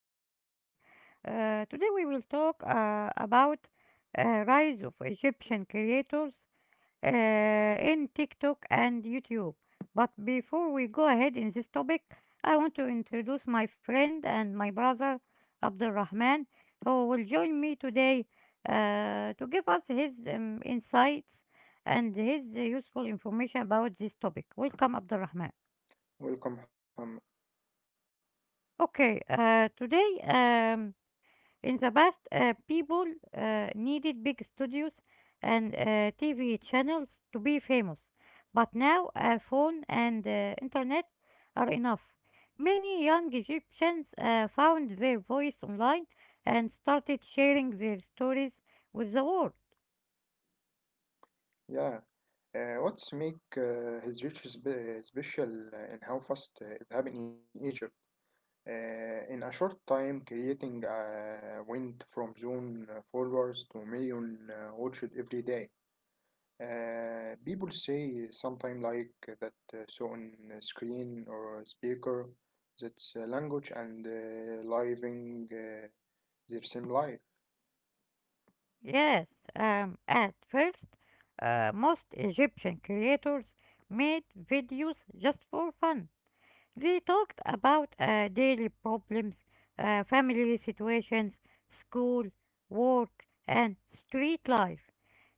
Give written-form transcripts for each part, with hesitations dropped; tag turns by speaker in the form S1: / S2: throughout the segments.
S1: today. Today, we will talk about rise of Egyptian creators in TikTok and YouTube. But before we go ahead in this topic, I want to introduce my friend and my brother Abdul Rahman, who will join me today to give us his insights and his useful information about this topic. Welcome, Abdul Rahman.
S2: Welcome, Muhammad.
S1: Okay, today in the past, people needed big studios and TV channels to be famous, but now a phone and internet are enough. Many young Egyptians found their voice online and started sharing their stories with the world.
S2: Yeah, what's make his riches special, and how fast it happened in Egypt? In a short time, creating went from zone followers to million watched every day. People say sometime like that, so on screen or speaker, that's language and living, their same life.
S1: Yes, at first, most Egyptian creators made videos just for fun. They talked about daily problems, family situations, school, work, and street life.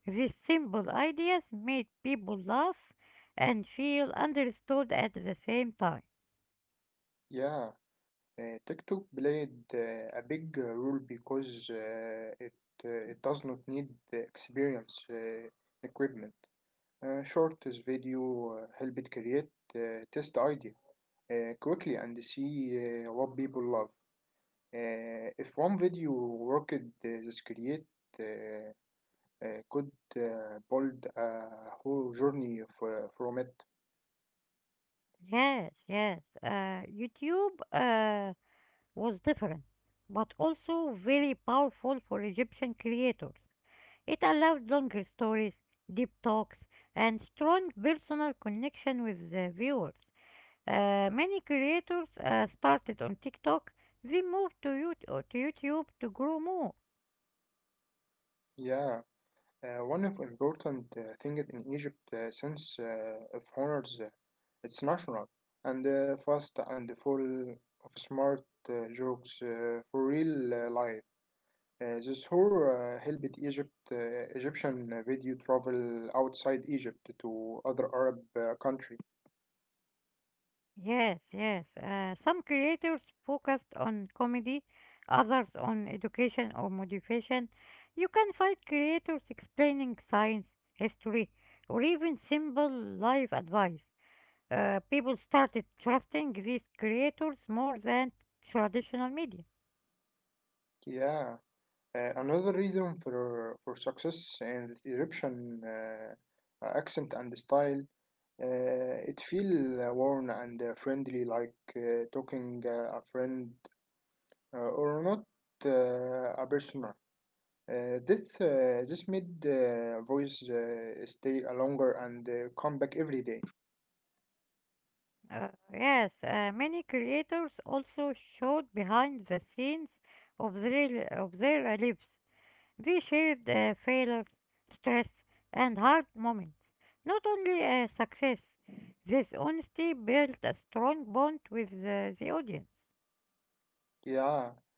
S1: These simple ideas made people laugh and feel understood at the same time.
S2: Yeah, TikTok played a big role because it does not need the experience, equipment. Short video helped create, test idea quickly and see what people love. If one video worked, this create, uh, could build a whole journey from it.
S1: Yes, yes. YouTube was different, but also very powerful for Egyptian creators. It allowed longer stories, deep talks, and strong personal connection with the viewers. Many creators started on TikTok, then moved to, to YouTube to grow more.
S2: Yeah. One of important things in Egypt, since of honors, it's natural and fast and full of smart jokes for real life. This tour helped Egypt, Egyptian video travel outside Egypt to other Arab country.
S1: Yes, yes. Some creators focused on comedy, others on education or motivation. You can find creators explaining science, history, or even simple life advice. People started trusting these creators more than traditional media.
S2: Yeah, another reason for success in the Egyptian, accent and style. It feel warm and friendly, like talking a friend or not a person. This made the voice stay longer and come back every day.
S1: Yes, Many creators also showed behind the scenes of their lives. They shared failures, stress, and hard moments, not only success. This honesty built a strong bond with the audience.
S2: Yeah,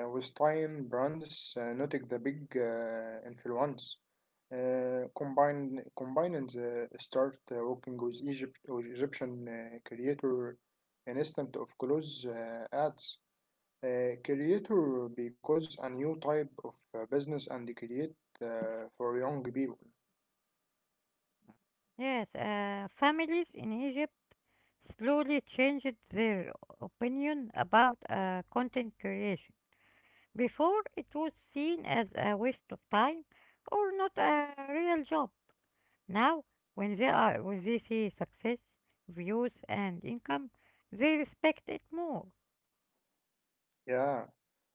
S2: with time, brands noted the big influence. Combined start working with Egypt, with Egyptian creator instant of close ads. Creator because a new type of business and create for young people.
S1: Yes, families in Egypt slowly changed their opinion about content creation. Before, it was seen as a waste of time or not a real job. Now, when they see success, views, and income, they respect it more.
S2: Yeah.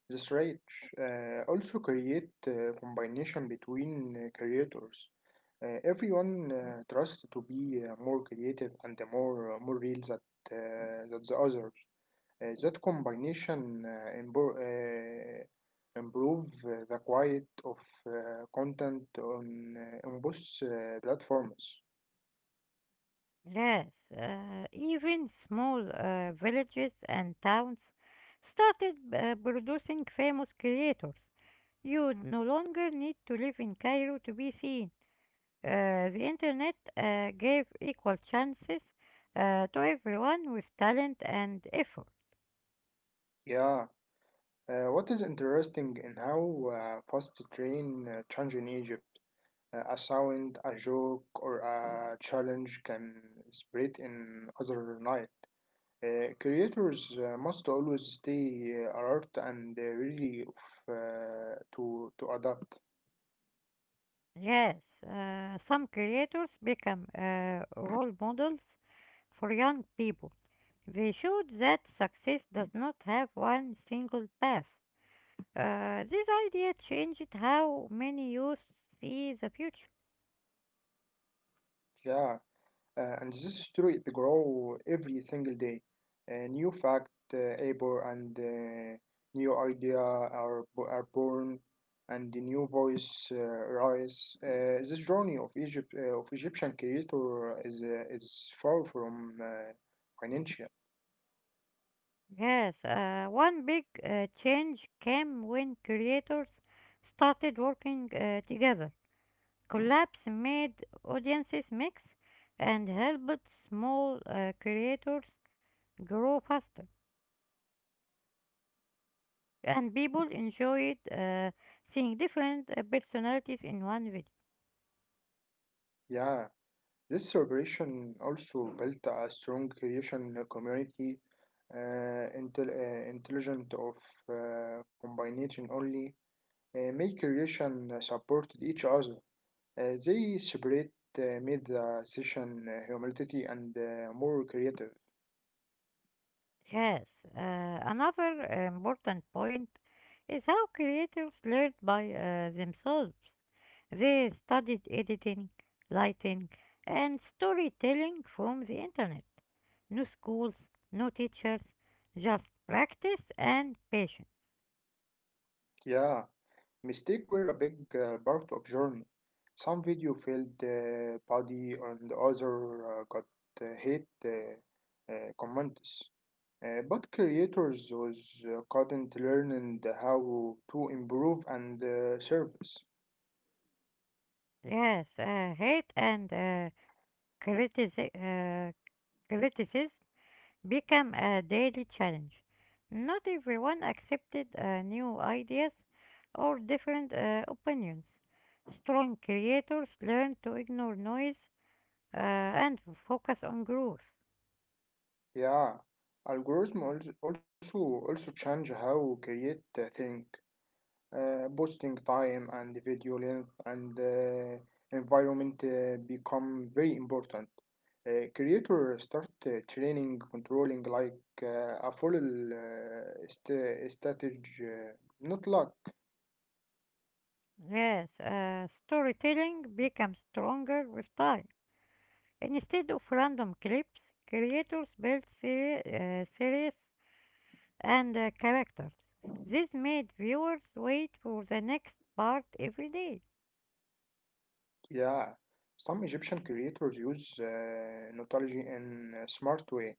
S2: That's right. Also create combination between creators. Everyone trusts to be more creative and more real that, that the others. That combination, improve the quality of uh, content on, on both platforms.
S1: Yes, even small villages and towns started producing famous creators. You no longer need to live in Cairo to be seen. The internet gave equal chances to everyone with talent and effort.
S2: Yeah. What is interesting in how fast the train change in Egypt. A sound, a joke, or a challenge can spread in other night. Creators must always stay alert and ready of, to adapt.
S1: Yes, some creators become role models for young people. They showed that success does not have one single path. This idea changed how many youth see the future.
S2: Yeah, and this is true. It grow every single day. A new fact, able and, new idea are born, and the new voice rise. This journey of Egypt, of Egyptian creator is, is far from, financial.
S1: Yes, one big change came when creators started working together. Collabs made audiences mix and helped small creators grow faster. And people enjoyed seeing different personalities in one video.
S2: Yeah, this celebration also built a strong creation community, intelligent of, combination only, make relation supported each other. They separate, made the session humility and more creative.
S1: Yes, another important point is how creators learned by themselves. They studied editing, lighting, and storytelling from the internet. No schools, no teachers, just practice and patience.
S2: Yeah, mistake were a big part of journey. Some video failed body and other got hate comments. But creators was, couldn't learn how to improve and, service.
S1: Yes, hate and critici- uh, criticism become a daily challenge. Not everyone accepted new ideas or different opinions. Strong creators learn to ignore noise and focus on growth.
S2: Yeah, algorithm also change how we create the thing, posting time and the video length and, environment become very important. Creator start training controlling like a full, strategy, not luck.
S1: Yes, storytelling becomes stronger with time. Instead of random clips, creators build series and characters. This made viewers wait for the next part every day.
S2: Yeah, some Egyptian creators use knowledge in a smart way.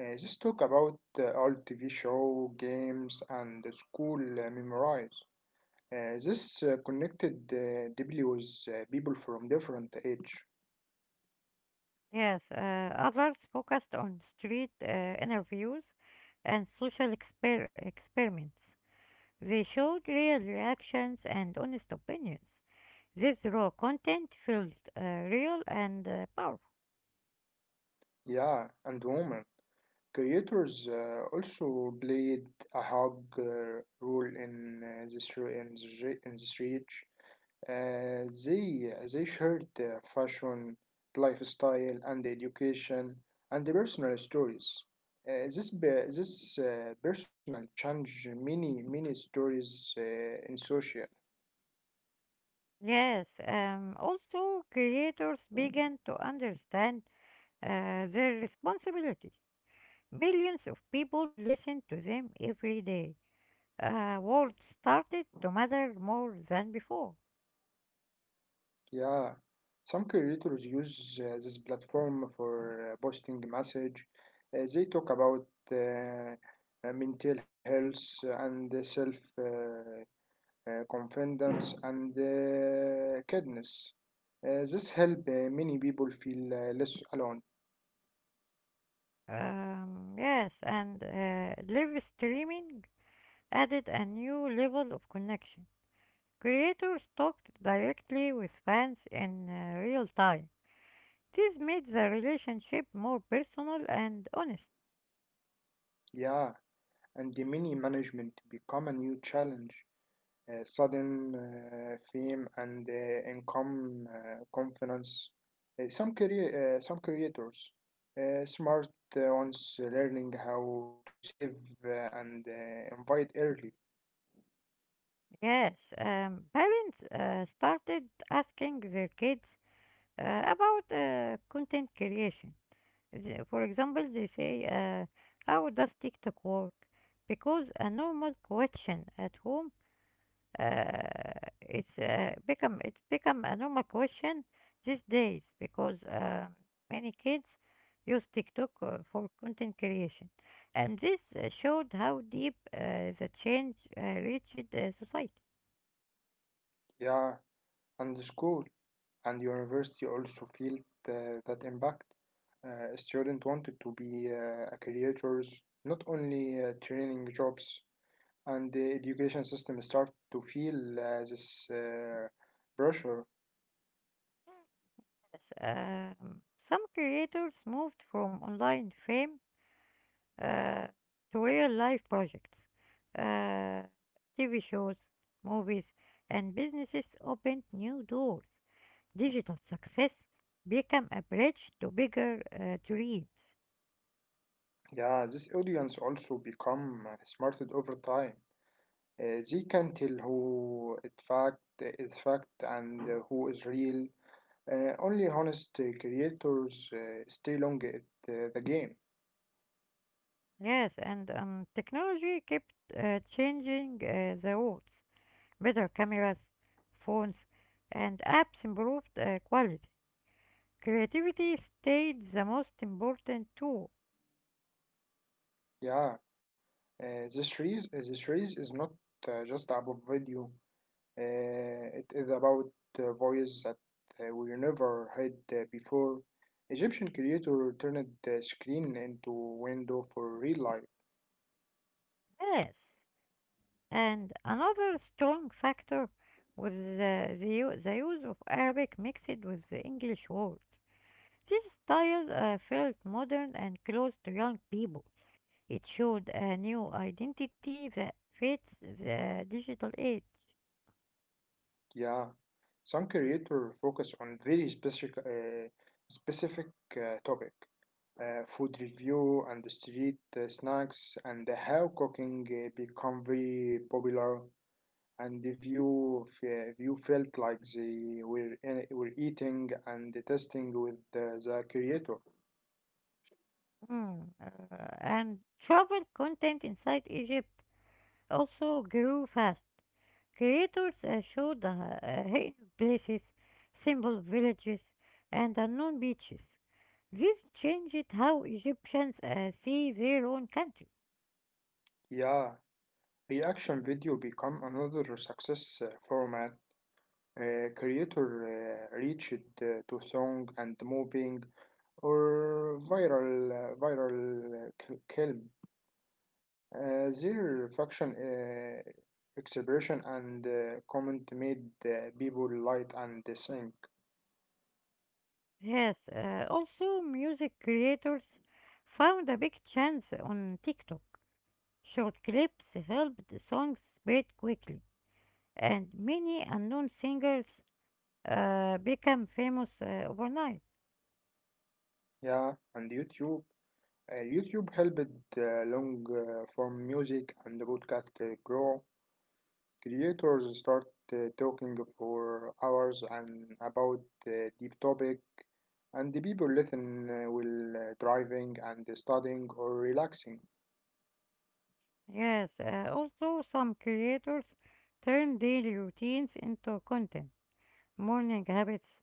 S2: Just talk about old TV show, games, and the school memorize. This connected deeply with people from different age,
S1: Yes, others focused on street interviews and social experiments. They showed real reactions and honest opinions. This raw content felt real and powerful.
S2: yeah, and women. Creators also played a hug, role in this reach. They shared their fashion, lifestyle, and education, and the personal stories. This personal change many stories in social.
S1: Yes, also creators began to understand their responsibility. Millions of people listen to them every day. World started to matter more than before.
S2: Yeah, some creators use this platform for, posting message. They talk about, mental health and self, confidence, and kindness. This help many people feel less alone.
S1: Yes, and live streaming added a new level of connection. Creators talked directly with fans in real time. This made the relationship more personal and honest.
S2: Yeah, and the many management become a new challenge. Sudden fame and income confidence. Some creators, smart ones learning how to save and invite early.
S1: Yes, parents started asking their kids about content creation. For example, they say, how does TikTok work? Because a normal question at home, uh, it's become a normal question these days because many kids use TikTok for content creation, and this showed how deep the change reached society.
S2: Yeah, and the school and university also feel that impact. Student wanted to be a creators, not only training jobs, and the education system started to feel this pressure.
S1: Yes, some creators moved from online fame uh, to real life projects, uh, TV shows, movies, and businesses opened new doors. Digital success became a bridge to bigger dreams.
S2: Yeah, this audience also become smarted over time. They can tell who it fact is fact and who is real. Only honest creators stay long at the game.
S1: Yes, and technology kept changing the rules. Better cameras, phones, and apps improved quality. Creativity stayed the most important tool.
S2: Yeah, this race is not just about video. It is about, voices that, we never had before. Egyptian creator turned the screen into window for real life.
S1: Yes. And another strong factor was the use of Arabic mixed with the English words. This style felt modern and close to young people. It showed a new identity that fits the digital age.
S2: Yeah, some creator focus on very specific topic, food review and the street snacks and how cooking become very popular, and the view felt like they were eating and testing with the creator.
S1: Hmm, uh, and travel content inside Egypt also grew fast. Creators showed hidden places, simple villages, and unknown beaches. This changed how Egyptians see their own country.
S2: Yeah, reaction video become another success format. Creator reached to song and moving or viral clip. Their function expression and comment made people light and think.
S1: Yes, also music creators found a big chance on TikTok. Short clips helped songs spread quickly, and many unknown singers became famous overnight.
S2: Yeah, and YouTube YouTube helped long form music and podcast grow. Creators start talking for hours and about deep topic, and the people listen while driving and studying or relaxing.
S1: Yes, also some creators turned daily routines into content. Morning habits,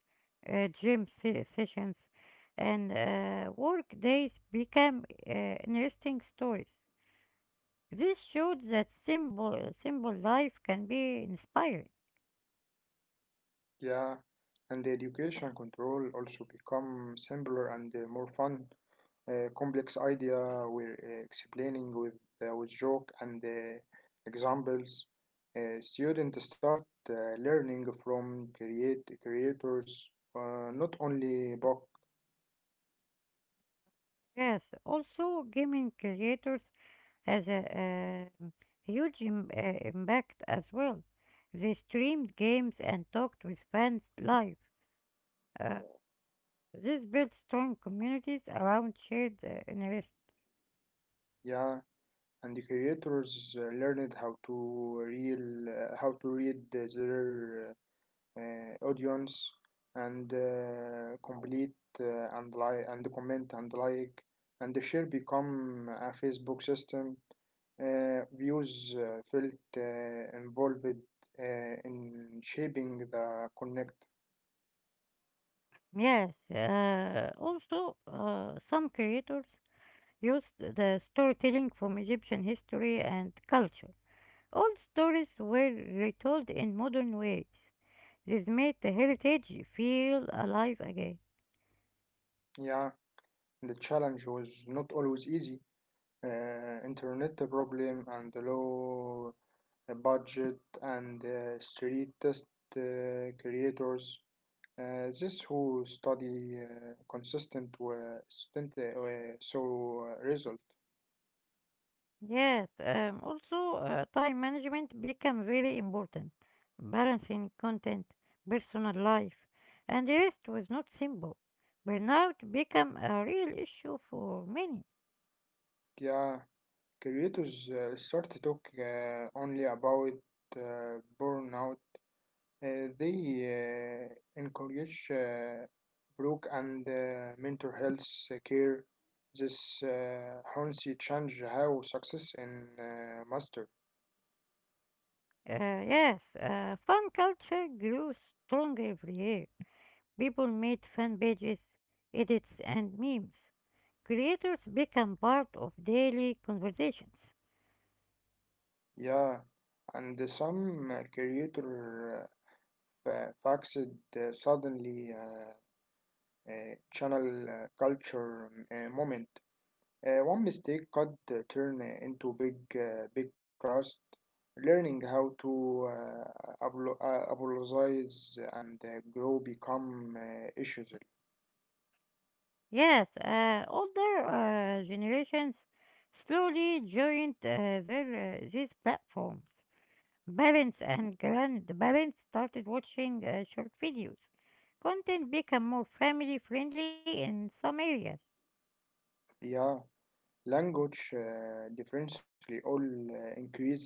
S1: sessions, and work days become interesting stories. This showed that simple life can be inspiring.
S2: Yeah, and the education control also become simpler and more fun. A complex idea we're explaining with joke and examples. Students start uh, learning from create creators, not only book,
S1: Yes, also gaming creators has a impact as well. They streamed games and talked with fans live. Uh, this built strong communities around shared interests.
S2: yeah, and the creators learned how to read their, audience and complete and like and comment and like and share become a Facebook system, views felt involved in shaping the connect.
S1: Yes, also some creators used the storytelling from Egyptian history and culture. Old stories were retold in modern ways. This made the heritage feel alive again.
S2: Yeah, the challenge was not always easy, internet problem and low budget and street test creators. This who study consistent student, so result.
S1: Yes, also time management became very important. Balancing content, personal life, and rest was not simple. Burnout became a real issue for many.
S2: Yeah, creators start to talk only about, burnout. They encourage, broke and mental health, care. This honestly change how success in master.
S1: Yes, fan culture grew stronger every year. People made fan pages, edits, and memes. Creators become part of daily conversations.
S2: Yeah, and some creator, faxed suddenly, channel culture moment. One mistake could turn into big, big trust. Learning how to, apologize and grow become issues.
S1: Yes, older generations slowly joined these platforms. Parents and grandparents started watching short videos. Content became more family friendly in some areas.
S2: Yeah, language differently all increase.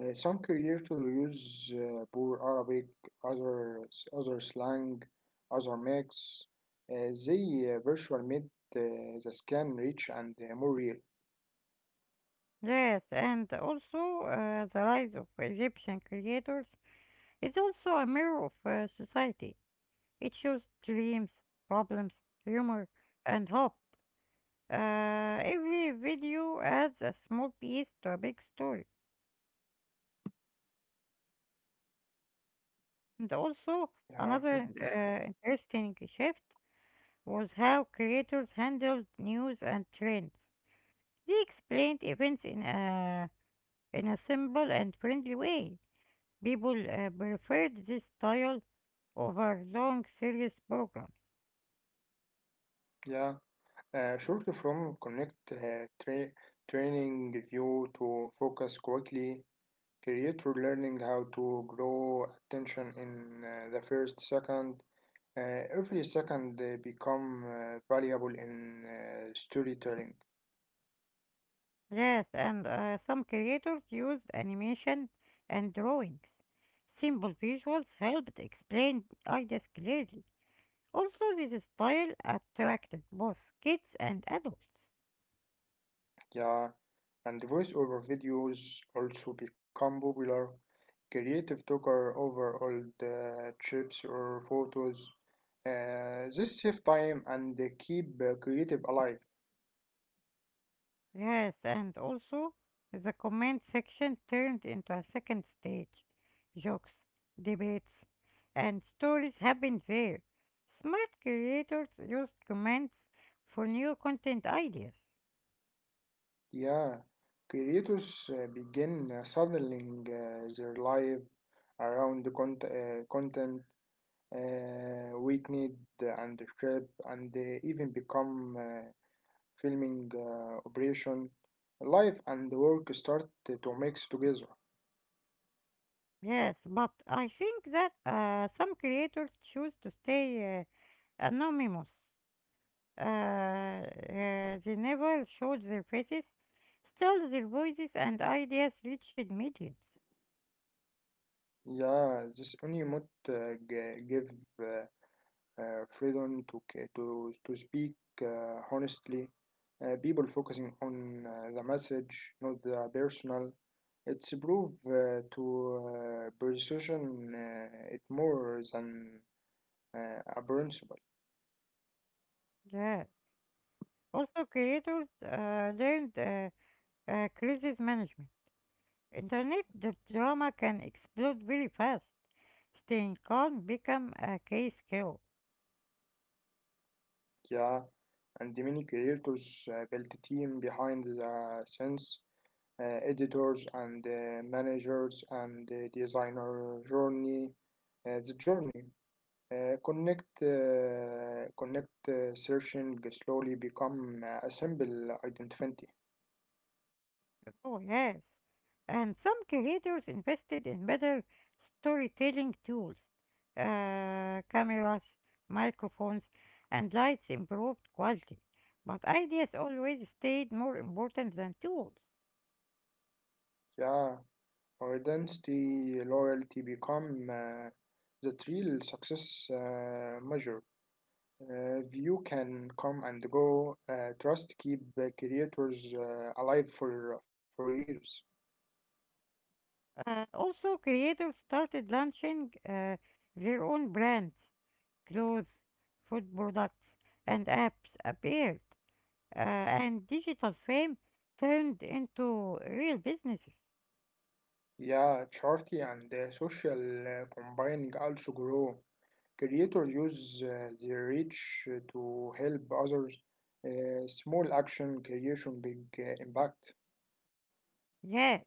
S2: Some creators use poor Arabic, others other slang, other mix. They virtual made the scan rich and more real.
S1: Yes, and also the rise of Egyptian creators is also a mirror of society. It shows dreams, problems, humor, and hope. Every video adds a small piece to a big story. And also,
S2: Yeah,
S1: another interesting shift was how creators handled news and trends. They explained events in in a simple and friendly way. People preferred this style over long serious programs.
S2: yeah. Shortly from connect, training you to focus quickly, creator learning how to grow attention in the first second. Every second they become valuable in storytelling.
S1: Yes, and some creators used animation and drawings. Simple visuals helped explain ideas clearly. Also, this style attracted both kids and adults.
S2: Yeah, and voice over videos also become popular. Creative talker over old chips or photos. This save time and they keep creative alive.
S1: Yes, and also the comment section turned into a second stage. Jokes, debates, and stories happened there. Smart creators used comments for new content ideas.
S2: Yeah, creators begin saddling their life around the, content, weakened and the trip, and they even become filming operation. Life and work start to mix together.
S1: Yes, but I think that some creators choose to stay anonymous. Uh, uh, they never showed their faces, still their voices and ideas reached millions.
S2: Yeah, this Unimut give, uh, freedom to, to speak honestly, people focusing on the message, not the personal. It's proof to precision it more than a principle.
S1: Yeah. Also creators learned crisis management. Internet the drama can explode very fast. Staying calm become a key skill.
S2: Yeah, and many creators built a team behind the scenes, editors and managers and designer journey. The journey, connect searching slowly become a simple identity.
S1: Oh yes. And some creators invested in better storytelling tools. Cameras, microphones, and lights improved quality. But ideas always stayed more important than tools.
S2: Yeah. Our density loyalty become the real success measure. View can come and go. Trust keep creators alive for years.
S1: Also, creators started launching their own brands, clothes, food products, and apps appeared, and digital fame turned into real businesses.
S2: Yeah, charity and social combining also grow. Creators use their reach to help others. Small action creation, big impact.
S1: Yeah,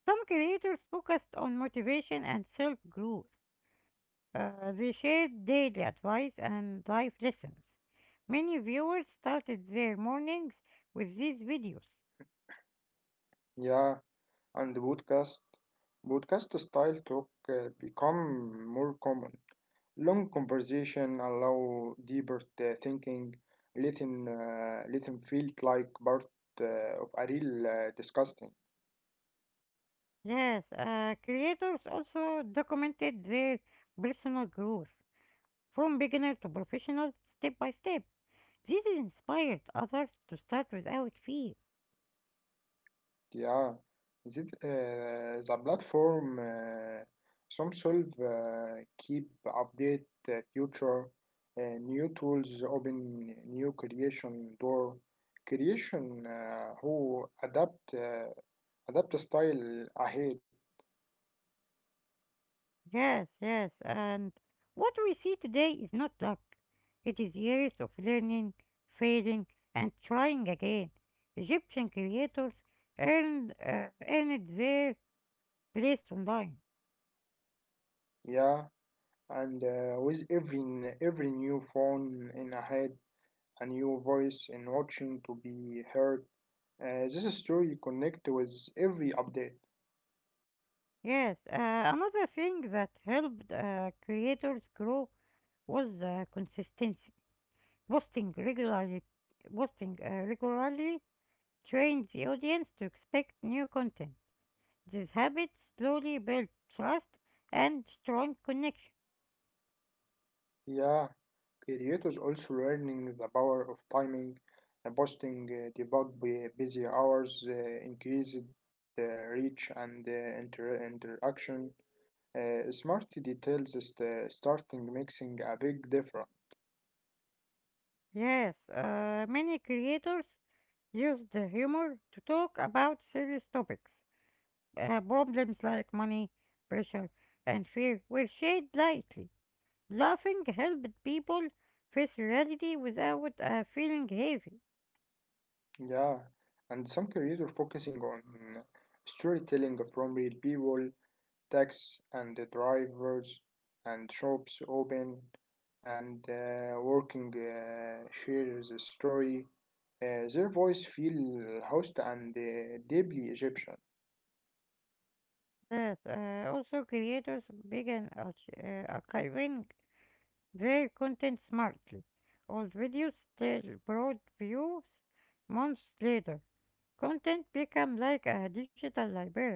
S1: some creators focused on motivation and self growth. They shared daily advice and life lessons. Many viewers started their mornings with these videos.
S2: Yeah, and the podcast style talk become more common. Long conversation allow deeper thinking. Lithium felt like part of a real discussion.
S1: Yes, creators also documented their personal growth from beginner to professional step by step. This inspired others to start without fear.
S2: Yeah, that, the platform some solve keep update future, new tools open new creation door, creation who adapt, adapt style ahead.
S1: Yes, yes, and what we see today is not luck. It is years of learning, failing, and trying again. Egyptian creators earned their place online.
S2: Yeah, and every new phone in ahead, a new voice in watching to be heard, this story connect with every update.
S1: Yes, another thing that helped creators grow was consistency. Posting regularly, posting regularly trained the audience to expect new content. These habits slowly build trust and strong connection.
S2: Yeah, creators also learning the power of timing and posting, busy hours, increased, uh, reach and, interaction. Smart details is the starting mixing a big difference.
S1: Yes, many creators use the humor to talk about serious topics. Problems like money, pressure, and fear were shared lightly. Laughing helped people face reality without feeling heavy.
S2: Yeah, and some creators focusing on storytelling from real people, taxis and the drivers and shops open and working share the story. Their voice feel host and deeply Egyptian.
S1: That Also creators began archiving their content smartly. Old videos still brought views months later. Content became like a digital library.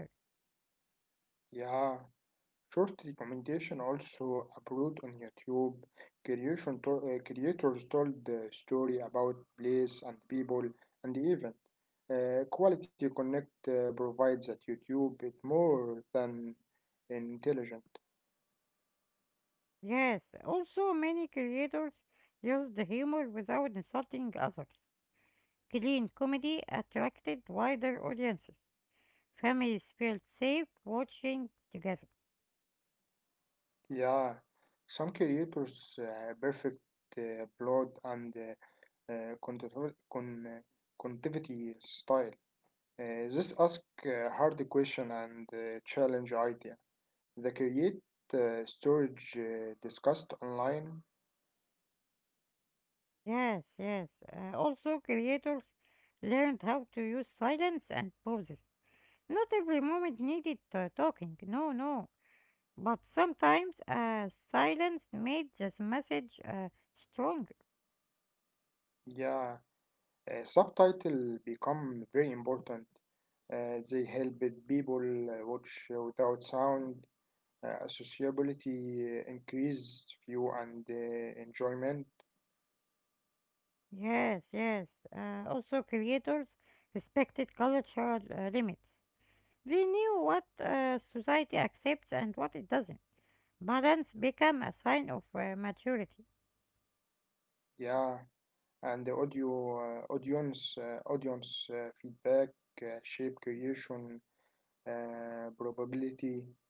S2: Yeah, short recommendation also upload on YouTube. Creation to- creators told the story about place and people and the event. Quality Connect provides that YouTube is more than intelligent.
S1: Yes, also many creators used humor without insulting others. Clean comedy attracted wider audiences. Families felt safe watching together.
S2: Yeah, some creators perfect broad and, uh, contour- con- uh, contivity style. This ask a hard question and challenge idea. The create storage discussed online.
S1: Yes, yes. Also, creators learned how to use silence and pauses. Not every moment needed talking. No, no. But sometimes silence made this message stronger.
S2: Yeah, subtitle become very important. They help people watch without sound. Accessibility increase view and enjoyment.
S1: Yes, yes. Also, creators respected cultural limits. They knew what society accepts and what it doesn't. Balance became a sign of maturity.
S2: Yeah, and the audio audience audience feedback shape creation probability.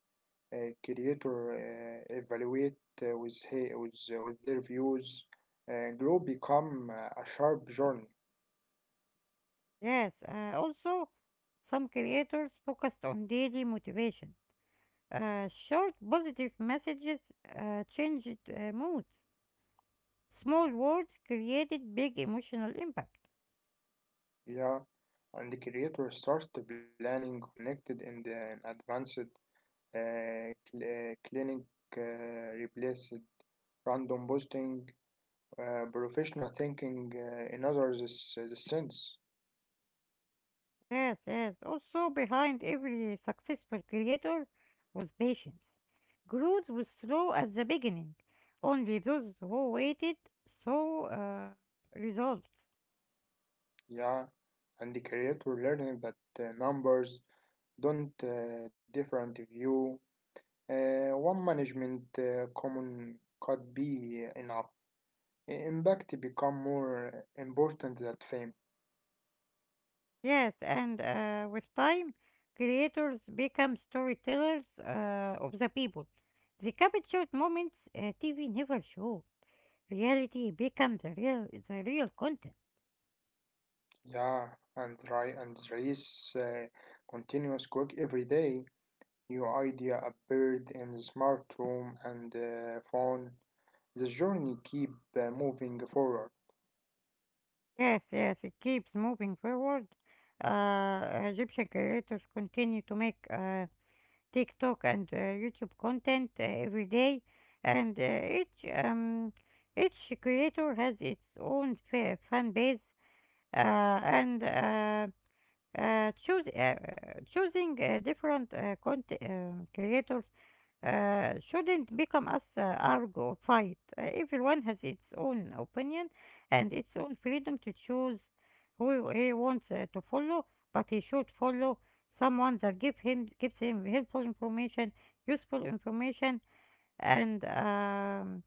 S2: Creator evaluate with their views. Grow become a sharp journey.
S1: Yes, also, some creators focused on daily motivation. Short positive messages changed moods. Small words created big emotional impact.
S2: Yeah, and the creator started planning connected in the an advanced, clinic replaced random boosting, professional thinking in others is the sense.
S1: Yes, yes. Also, behind every successful creator was patience. Growth was slow at the beginning. Only those who waited saw results.
S2: Yeah, and the creator learning that numbers don't different view. One management common could be enough. Impact become more important than fame.
S1: Yes, and with time, creators become storytellers of the people. They captured moments TV never showed. Reality becomes the real content.
S2: Yeah, and try and race continuous quick every day. New idea appeared in the smart room and phone. The journey keep moving forward.
S1: Yes, yes, it keeps moving forward. Egyptian creators continue to make TikTok and YouTube content every day, and each creator has its own fan base, and uh, choose, uh, choosing different content creators shouldn't become us argue or fight. Everyone has its own opinion and its own freedom to choose who he wants to follow, but he should follow someone that gives him helpful information, useful information, and um,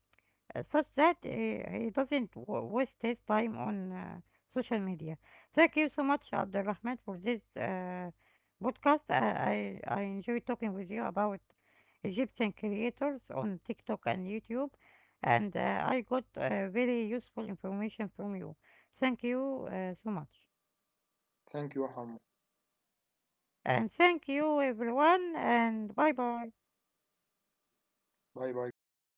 S1: uh, such that he doesn't waste his time on social media. Thank you so much, Abdulrahman, for this podcast. I enjoy talking with you about Egyptian creators on TikTok and YouTube, and I got very useful information from you. Thank you so much.
S2: Thank you, Ham.
S1: And thank you, everyone, and bye bye.
S2: Bye bye, guys.